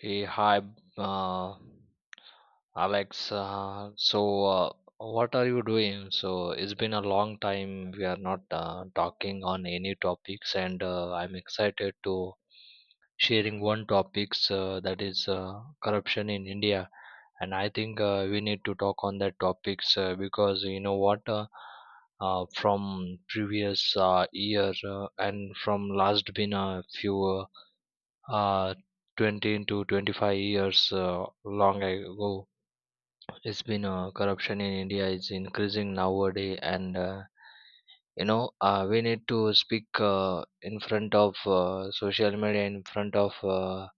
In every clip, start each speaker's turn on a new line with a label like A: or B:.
A: Hey, hi, uh, Alex. So, what are you doing? So, it's been a long time we are not talking on any topics, and I'm excited to sharing one topics that is corruption in India. And I think we need to talk on that topics because you know what, from previous year and from last been a few. Uh, 20 to 25 years long ago, it's been corruption in india is increasing nowadays, and you know, we need to speak in front of social media, in front of uh,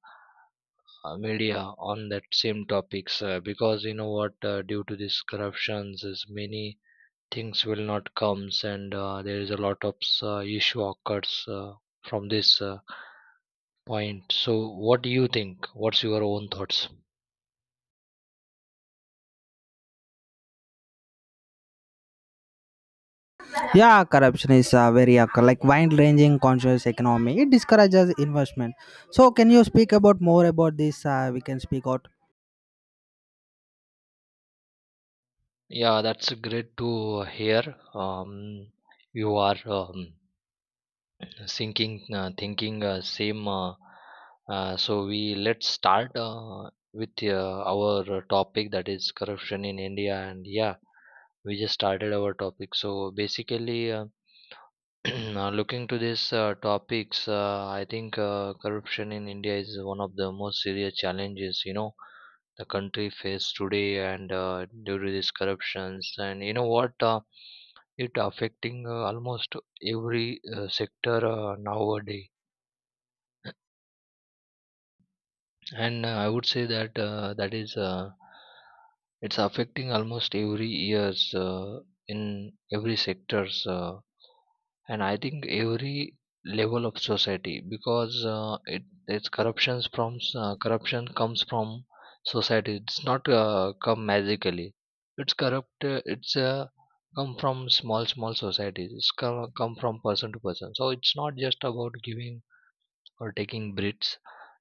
A: uh, media on that same topics, because you know what, due to these corruptions is many things will not comes, and there is a lot of issue occurs from this point. So what do you think? What's your own thoughts?
B: Yeah, corruption is like wide-ranging conscious economy. It discourages investment. So, can you speak about more about this? We can speak out.
A: Yeah, that's great to hear. Um, you are thinking same. So we let's start with our topic, that is corruption in India. And yeah, we just started our topic. So basically, now looking to these topics, I think corruption in India is one of the most serious challenges, you know, the country faces today, and due to these corruptions, and you know what, it affecting almost every sector nowadays. And I would say that that is it's affecting almost every years in every sectors. And I think every level of society, because it's corruptions from corruption comes from society, it's not come magically, it's corrupt it's come from small small societies, it's come from person to person, so it's not just about giving or taking bribes.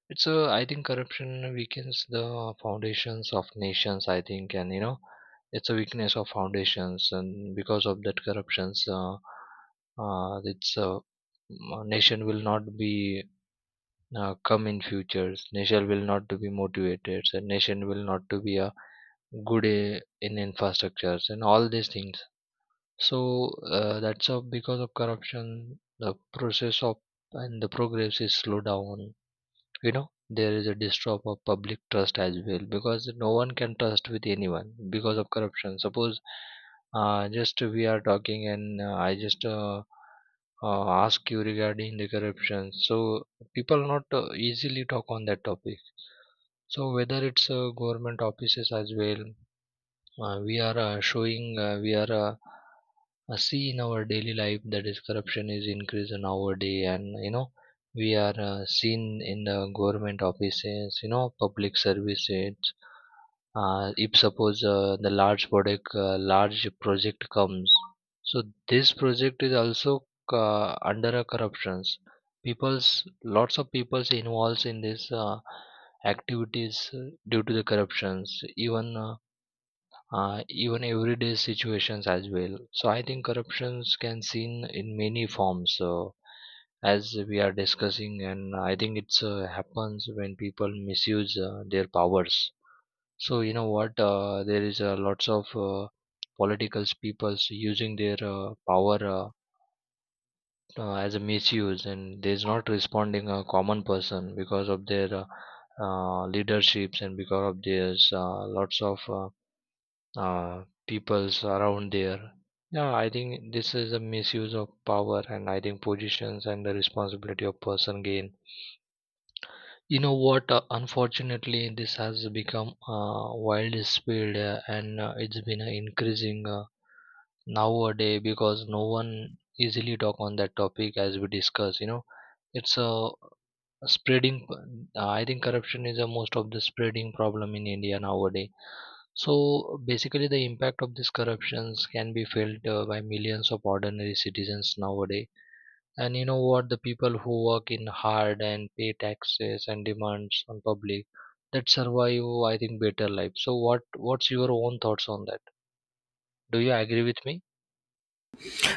A: It's a, I think corruption weakens the foundations of nations, I think, and you know, it's a weakness of foundations. And because of that corruptions, it's a nation will not be come in futures. Nation will not to be motivated, and nation will not to be a good in infrastructures and all these things. So that's a, because of corruption, the process of and the progress is slow down. You know, there is a distrust of public trust as well, because no one can trust with anyone because of corruption. Suppose just we are talking and I just ask you regarding the corruption. So people not easily talk on that topic, so whether it's government offices as well, we are showing, we are see in our daily life that is corruption is increasing nowadays. And you know, we are seen in the government offices, you know, public services. If suppose the large project comes. So this project is also under a corruptions. People's, lots of people's involves in this activities due to the corruptions, even even everyday situations as well. So I think corruptions can seen in many forms. So as we are discussing, and I think it's happens when people misuse their powers. So you know what? There is lots of political peoples using their power as a misuse, and there's not responding a common person because of their leaderships, and because of their lots of peoples around there. Yeah, I think this is a misuse of power, and I think positions and the responsibility of person gain. You know what? Unfortunately, this has become a wild speed, and it's been increasing nowadays, because no one easily talk on that topic as we discuss. You know, it's a spreading. I think corruption is a most of the spreading problem in India nowadays. So basically, the impact of these corruptions can be felt by millions of ordinary citizens nowadays. And you know what? The people who work in hard and pay taxes and demands on public that survive, I think, better life. So what? What's your own thoughts on that? Do you agree with me?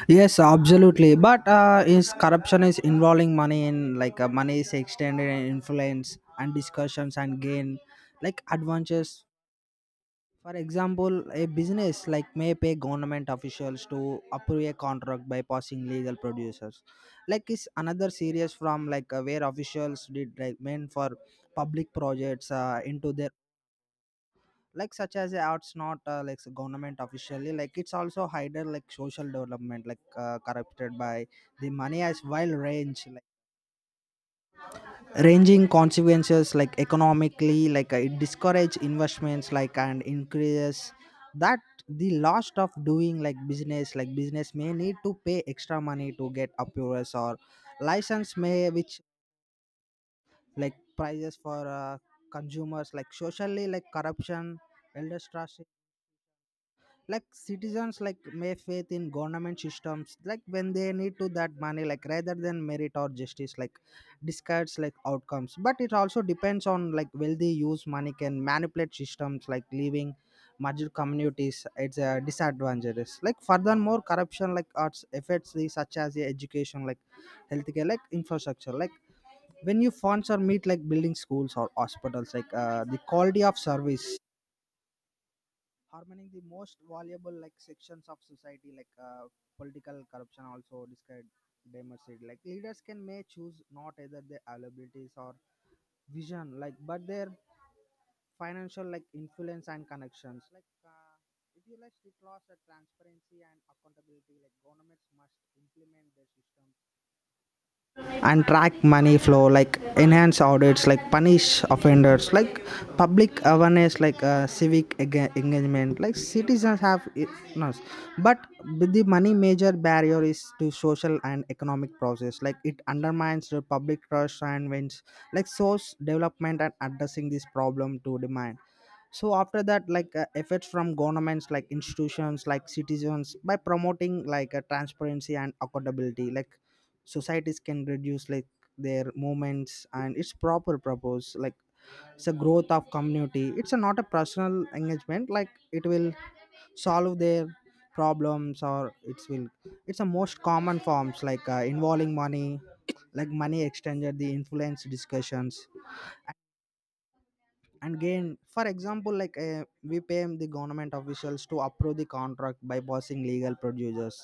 B: Yes, absolutely. But is corruption is involving money in money is extended and influence and discussions and gain like advances. For example, a business like may pay government officials to approve a contract by passing legal producers. Like is another series from where officials did like men for public projects into their like such as arts not like so government officially like it's also hidden like social development corrupted by the money as wild range ranging consequences like economically it discourage investments like and increases that the lost of doing like business may need to pay extra money to get approvals or license may which like prices for consumers like socially like corruption elder trust like citizens like may faith in government systems like when they need to that money like rather than merit or justice like discards like outcomes, but it also depends on like wealthy use money can manipulate systems like leaving marginal communities it's a disadvantages like furthermore corruption like arts affects the such as the education like healthcare like infrastructure like when you funds or meet like building schools or hospitals the quality of service harming the most valuable like sections of society political corruption also described democracy like leaders can may choose not either their abilities or vision like but their financial like influence and connections if you like it loss at transparency and accountability like governments must implement their system and track money flow like enhance audits like punish offenders like public awareness civic engagement like citizens have it no, but the money major barrier is to social and economic process like it undermines the public trust and wins like source development and addressing this problem to demand. So after that efforts from governments like institutions like citizens by promoting like a transparency and accountability like societies can reduce like their movements and its proper purpose like it's a growth of community it's a not a personal engagement like it will solve their problems or it's will it's a most common forms involving money like money exchanger the influence discussions and gain. For example, we pay the government officials to approve the contract by passing legal producers.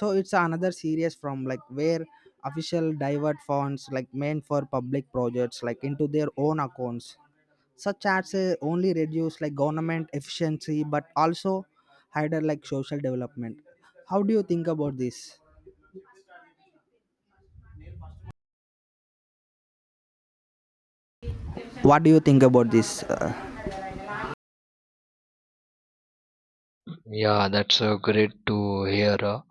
B: So it's another series from like where official divert funds like meant for public projects like into their own accounts such ads only reduce like government efficiency but also hinder like social development. How do you think about this? What do you think about this?
A: Yeah, that's great to hear. uh,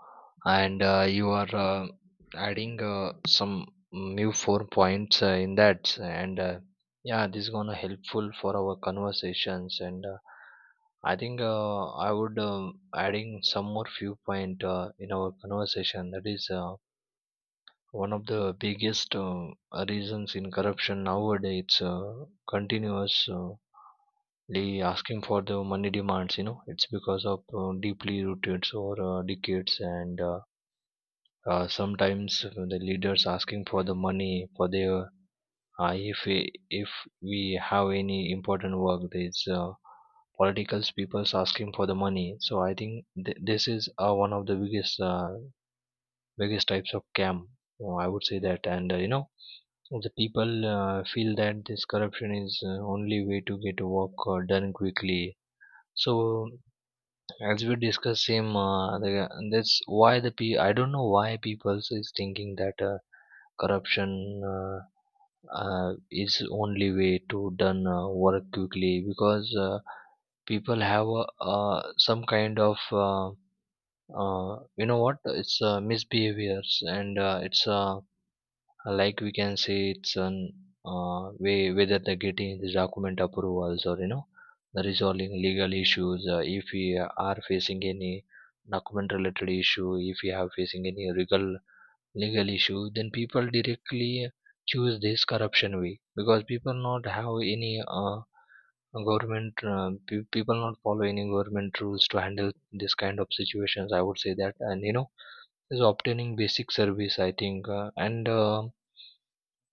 A: and you are adding some new four points in that. And yeah, this is gonna helpful for our conversations. And I think I would adding some more few point in our conversation. That is one of the biggest reasons in corruption nowadays. It's continuous. The asking for the money demands, you know, it's because of deeply rooted or decades, and sometimes the leaders asking for the money for their if we have any important work. These political people's asking for the money, so I think this is one of the biggest types of scam, I would say that. And you know, the people feel that this corruption is only way to get work done quickly. So as we discuss same, that's why I don't know why people is thinking that corruption uh, is only way to done work quickly, because people have some kind of you know what, it's misbehaviors, and it's like we can say it's an way, whether they're getting the document approvals, or you know, the resolving legal issues. If we are facing any document related issue, if we are facing any legal issue, then people directly choose this corruption way, because people not have any government people not follow any government rules to handle this kind of situations, I would say that. And you know, is obtaining basic service, I think. And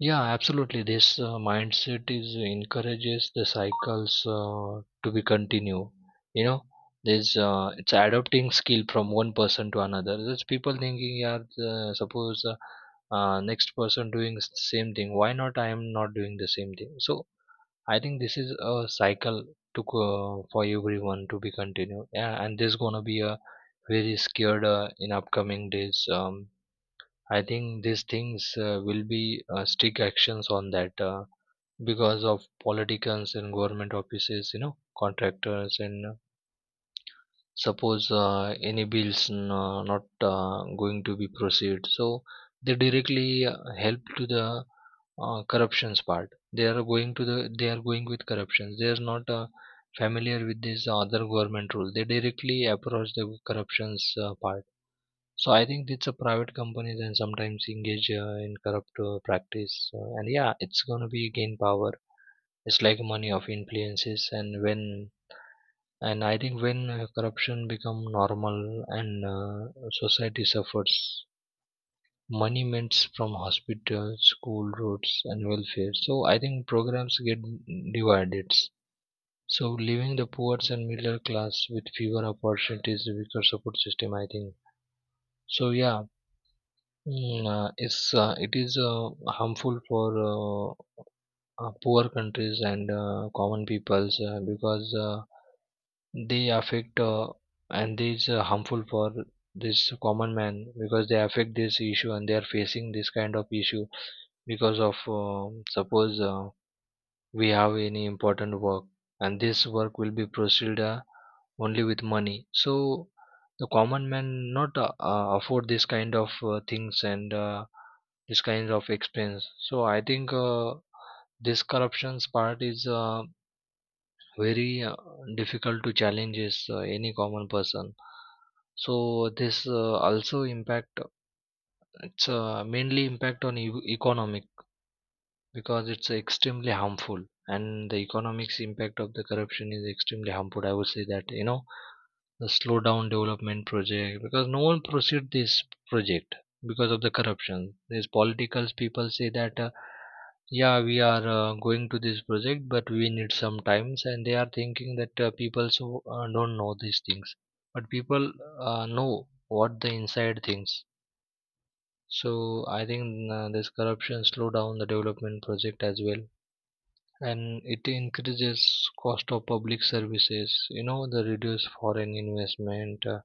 A: yeah, absolutely. This mindset is encourages the cycles to be continue. You know, there's it's adopting skill from one person to another. There's people thinking, yeah, the, suppose next person doing same thing. Why not? I am not doing the same thing. So I think this is a cycle to go for everyone to be continued. Yeah, and there's gonna be a very scared in upcoming days. I think these things will be strict actions on that, because of politicians and government offices, you know, contractors and suppose any bills not going to be proceed. So they directly help to the corruptions part. They are going with corruptions. They are not familiar with this other government rule. They directly approach the corruptions part. So I think it's a private companies and sometimes engage in corrupt practice, and yeah, it's gonna be gain power. It's like money of influences, and I think when corruption become normal and society suffers, money mints from hospitals, school, roads, and welfare. So I think programs get divided. So leaving the poor and middle class with fewer opportunities, weaker support system. I think so. Yeah, it is harmful for poor countries and common peoples because they affect, and this harmful for this common man, because they affect this issue and they are facing this kind of issue because of suppose we have any important work, and this work will be proceeded only with money. So the common man not afford this kind of things, and this kind of expense. So I think this corruptions part is very difficult to challenge is, any common person. So this also impact, it's mainly impact on economic, because it's extremely harmful, and the economics impact of the corruption is extremely harmful, I would say that. You know, the slow down development project, because no one proceed this project because of the corruption. These political people say that, yeah we are going to this project, but we need some times. And they are thinking that people so don't know these things, but people know what the inside things. So I think this corruption slow down the development project as well, and it increases cost of public services. You know, the reduce foreign investment,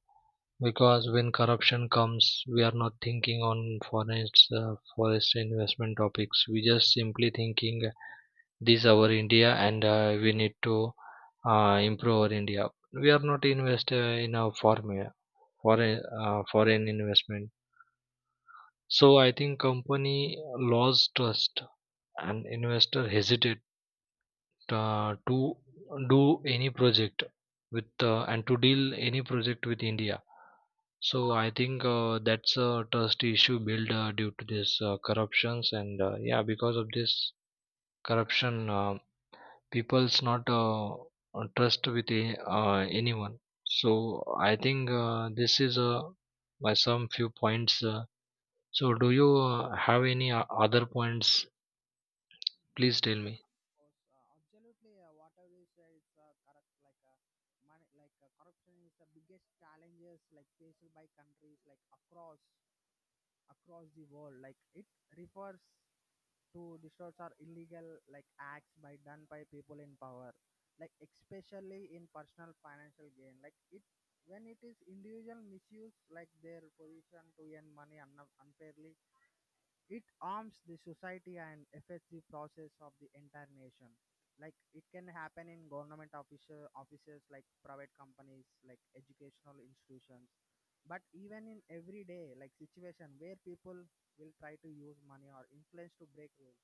A: because when corruption comes, we are not thinking on foreign forest investment topics. We just simply thinking this our india, and we need to improve our india. We are not invest in our foreign investment. So I think company lost trust, and investor hesitate to do any project with and to deal any project with India. So I think that's a trust issue built due to this corruptions and yeah, because of this corruption, people's not trust with anyone. So I think this is my some few points. So do you have any other points? Please tell me.
B: Absolutely, whatever you say it's correct money corruption is the biggest challenges like faced by countries like across across the world. Like it refers to distorts are illegal like acts by done by people in power, like especially in personal financial gain. Like it when it is individual misuse like their position to earn money unfairly it arms the society and affects the process of the entire nation. Like it can happen in government official offices, like private companies, like educational institutions, but even in everyday like situation where people will try to use money or influence to break rules.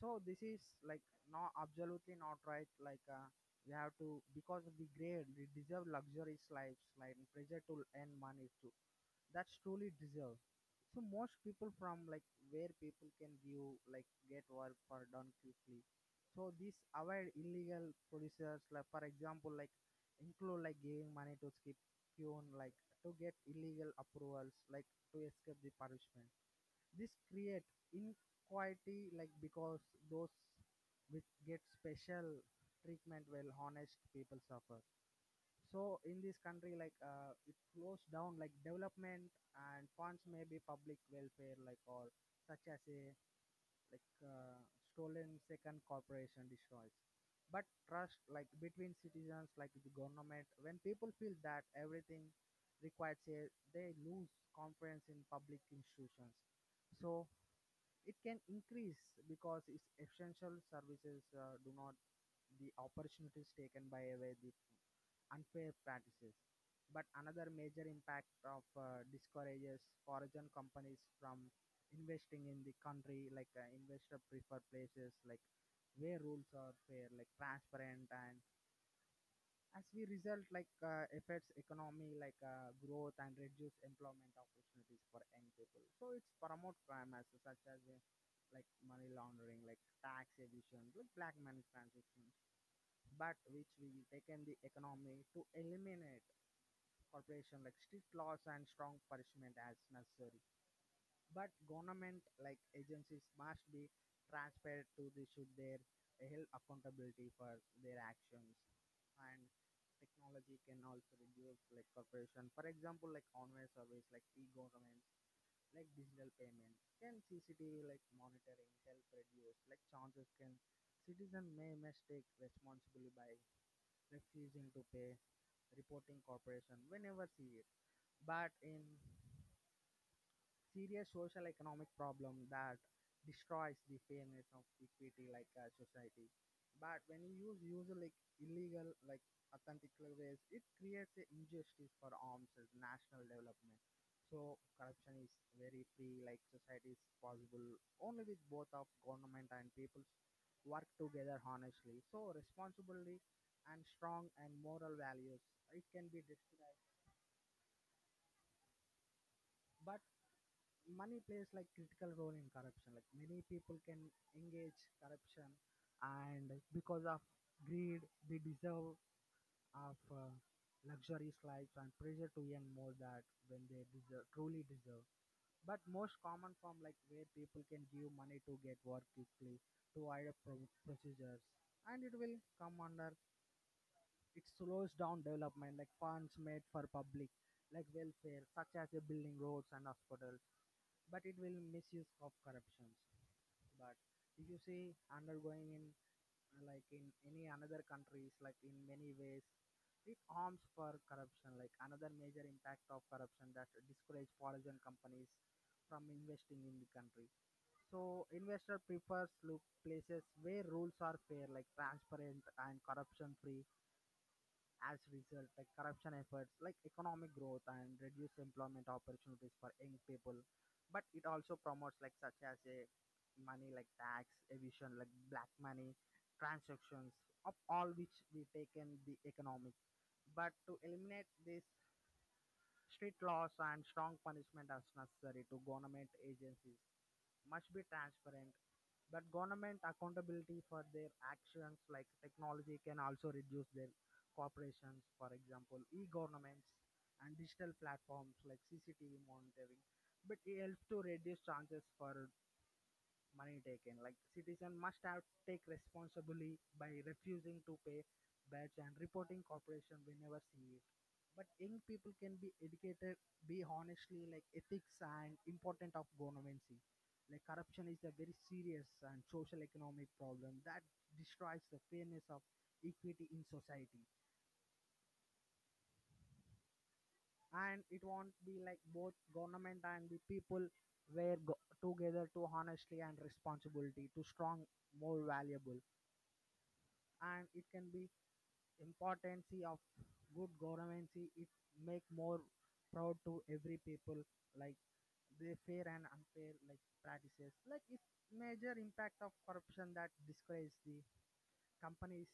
B: So this is like not absolutely not right. We have to because we grade we deserve luxurious lives, like pressure to earn money too that's truly deserved. So most people from like where people can view like get work for done quickly. So these avoid illegal producers like for example like include like giving money to skip tune like to get illegal approvals like to escape the punishment. This create inequality like because those which get special treatment while honest people suffer. So in this country, it slows down like development and funds may be public welfare, like or such as a like uh, stolen second corporation destroys. But trust like between citizens, like the government, when people feel that everything requires a, they lose confidence in public institutions. So it can increase because its essential services do not the opportunities taken by away the unfair practices. But another major impact of discourages foreign companies from investing in the country, investor prefer places like where rules are fair, like transparent and as we result affects economy growth and reduce employment opportunities for young people, so it's promote crime as such as like money laundering like tax evasion like black money transactions but which we taken the economy to eliminate corporation like strict laws and strong punishment as necessary but government like agencies must be transparent to the should their held accountability for their actions and technology can also reduce like corporation, for example like online service like e-government like digital payment can CCTV like monitoring help reduce like chances can citizen may mistake responsibility by refusing to pay reporting corporation whenever see it but in serious social economic problem that destroys the fairness of equity society but when you use user like illegal like authentic ways it creates a injustice for arms as national development. So corruption is very free like society is possible only with both of government and peoples work together honestly so responsibility and strong and moral values it can be destroyed, but money plays like critical role in corruption like many people can engage corruption and because of greed they deserve of luxurious lives and pressure to earn more that when they deserve truly deserve, but most common form like where people can give money to get work quickly to avoid procedures and it will come under it slows down development like funds made for public like welfare such as a building roads and hospitals but it will misuse of corruptions. But if you see undergoing in like in any another countries like in many ways it harms for corruption like another major impact of corruption that discourage foreign companies from investing in the country. So investor prefers look places where rules are fair like transparent and corruption free. As a result, like corruption efforts, like economic growth and reduced employment opportunities for young people. But it also promotes like such as a money like tax evasion, like black money, transactions of all which we take in the economic. But to eliminate this, strict laws and strong punishment as necessary to government agencies must be transparent but government accountability for their actions, like technology, can also reduce their corporations. For example, e-governments and digital platforms like CCTV monitoring. But it helps to reduce chances for money taken. Like citizen must have take responsibly by refusing to pay badge and reporting corporation whenever see it. But young people can be educated, be honestly like ethics and important of governance. Like corruption is a very serious and social economic problem that destroys the fairness of equity in society. And it won't be like both government and the people were go- together to honestly and responsibility to strong more valuable and it can be importance of good governance it make more proud to every people like the fair and unfair like practices like it's major impact of corruption that discourages the companies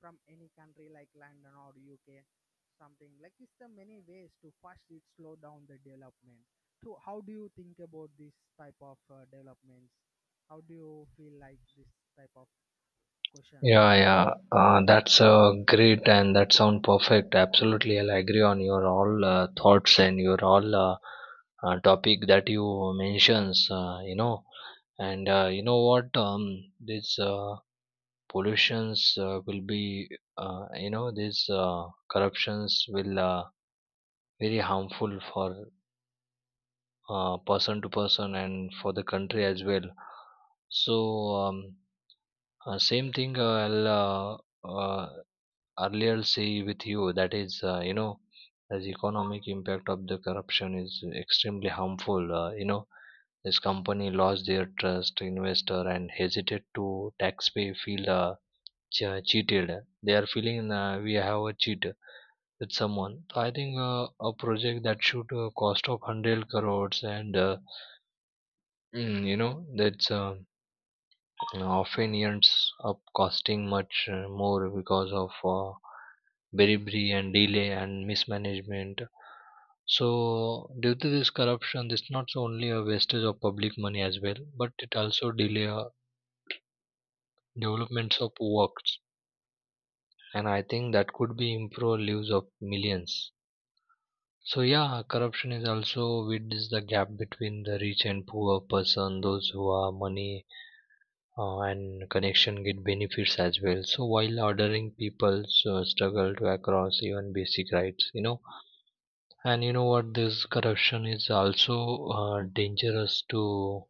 B: from any country like London or UK something like it's the many ways to first it slow down the development. So how do you think about this type of developments? How do you feel like this type of questions?
A: Yeah, yeah, that's great and that sound perfect. Absolutely, I'll agree on your all thoughts and your all topic that you mentions. You know, and you know what? This pollutions will be, you know, these corruptions will very harmful for person to person and for the country as well. So um, same thing. I'll earlier say with you that is you know as economic impact of the corruption is extremely harmful, you know, this company lost their trust investor and hesitate to taxpay feel cheated. They are feeling we have a cheat with someone. So I think a project that should cost of 100 crores and you know, that's often ends up costing much more because of bribery and delay and mismanagement. So, due to this corruption, this not so only a wastage of public money as well, but it also delay developments of works, and I think that could be improve lives of millions. So yeah, corruption is also widens the gap between the rich and poor person. Those who are money and connection get benefits as well, so while ordering people struggle to across even basic rights, you know. And you know what, this corruption is also dangerous to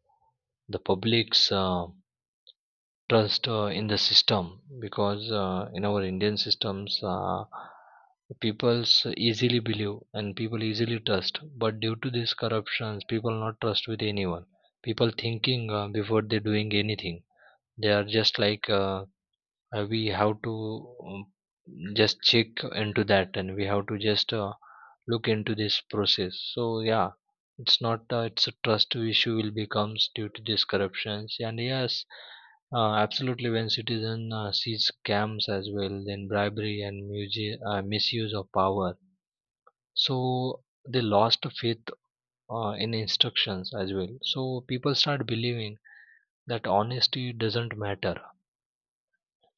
A: the public's trust in the system, because in our Indian systems people's easily believe and people easily trust, but due to these corruptions people not trust with anyone. People thinking before they doing anything, they are just like we have to um, just check into that, and we have to just look into this process. So yeah, it's not it's a trust issue will becomes due to these corruptions. And yes, absolutely, when citizen sees scams as well, then bribery and misuse of power, so they lost faith in instructions as well. So people start believing that honesty doesn't matter.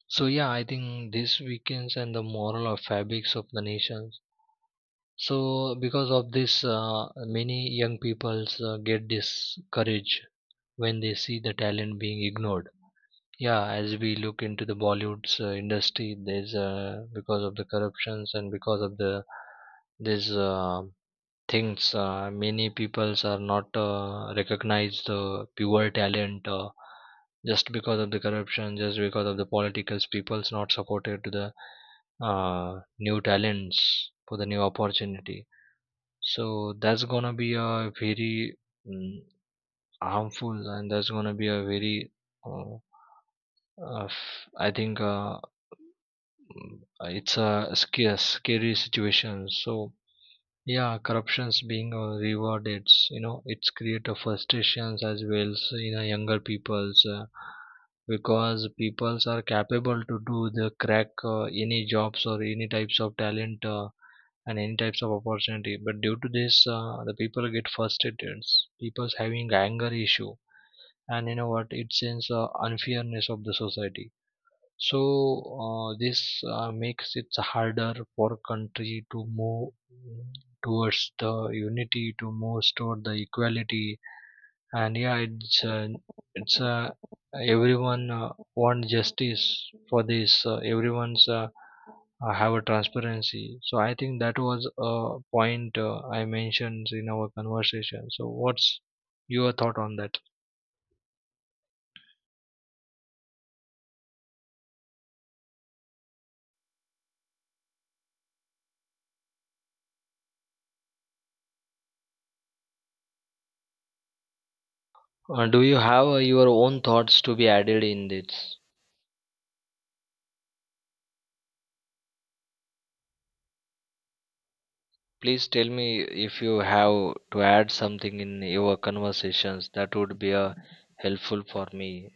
A: So yeah, I think this weakens and the moral or fabrics of the nations. So because of this, many young peoples get discouraged when they see the talent being ignored. Yeah, as we look into the Bollywood's industry, there's because of the corruptions and because of the this things, many peoples are not recognize the pure talent, just because of the corruption, just because of the politicals people's not supported to the new talents for the new opportunity. So that's gonna be a very mm, harmful, and that's gonna be a very uh, I think it's a scary, scary situation. So yeah, corruptions being rewarded, you know, it's create a frustrations as well as in a younger people's, because peoples are capable to do the crack any jobs or any types of talent and any types of opportunity. But due to this, the people get frustrated. People's having anger issue, and you know what? It sends unfairness of the society. So this makes it harder for country to move towards the unity, to move toward the equality. And yeah, it's everyone want justice for this. Everyone's have a transparency. So I think that was a point I mentioned in our conversation. So what's your thought on that? Do you have your own thoughts to be added in this? Please tell me if you have to add something in your conversations. That would be helpful for me.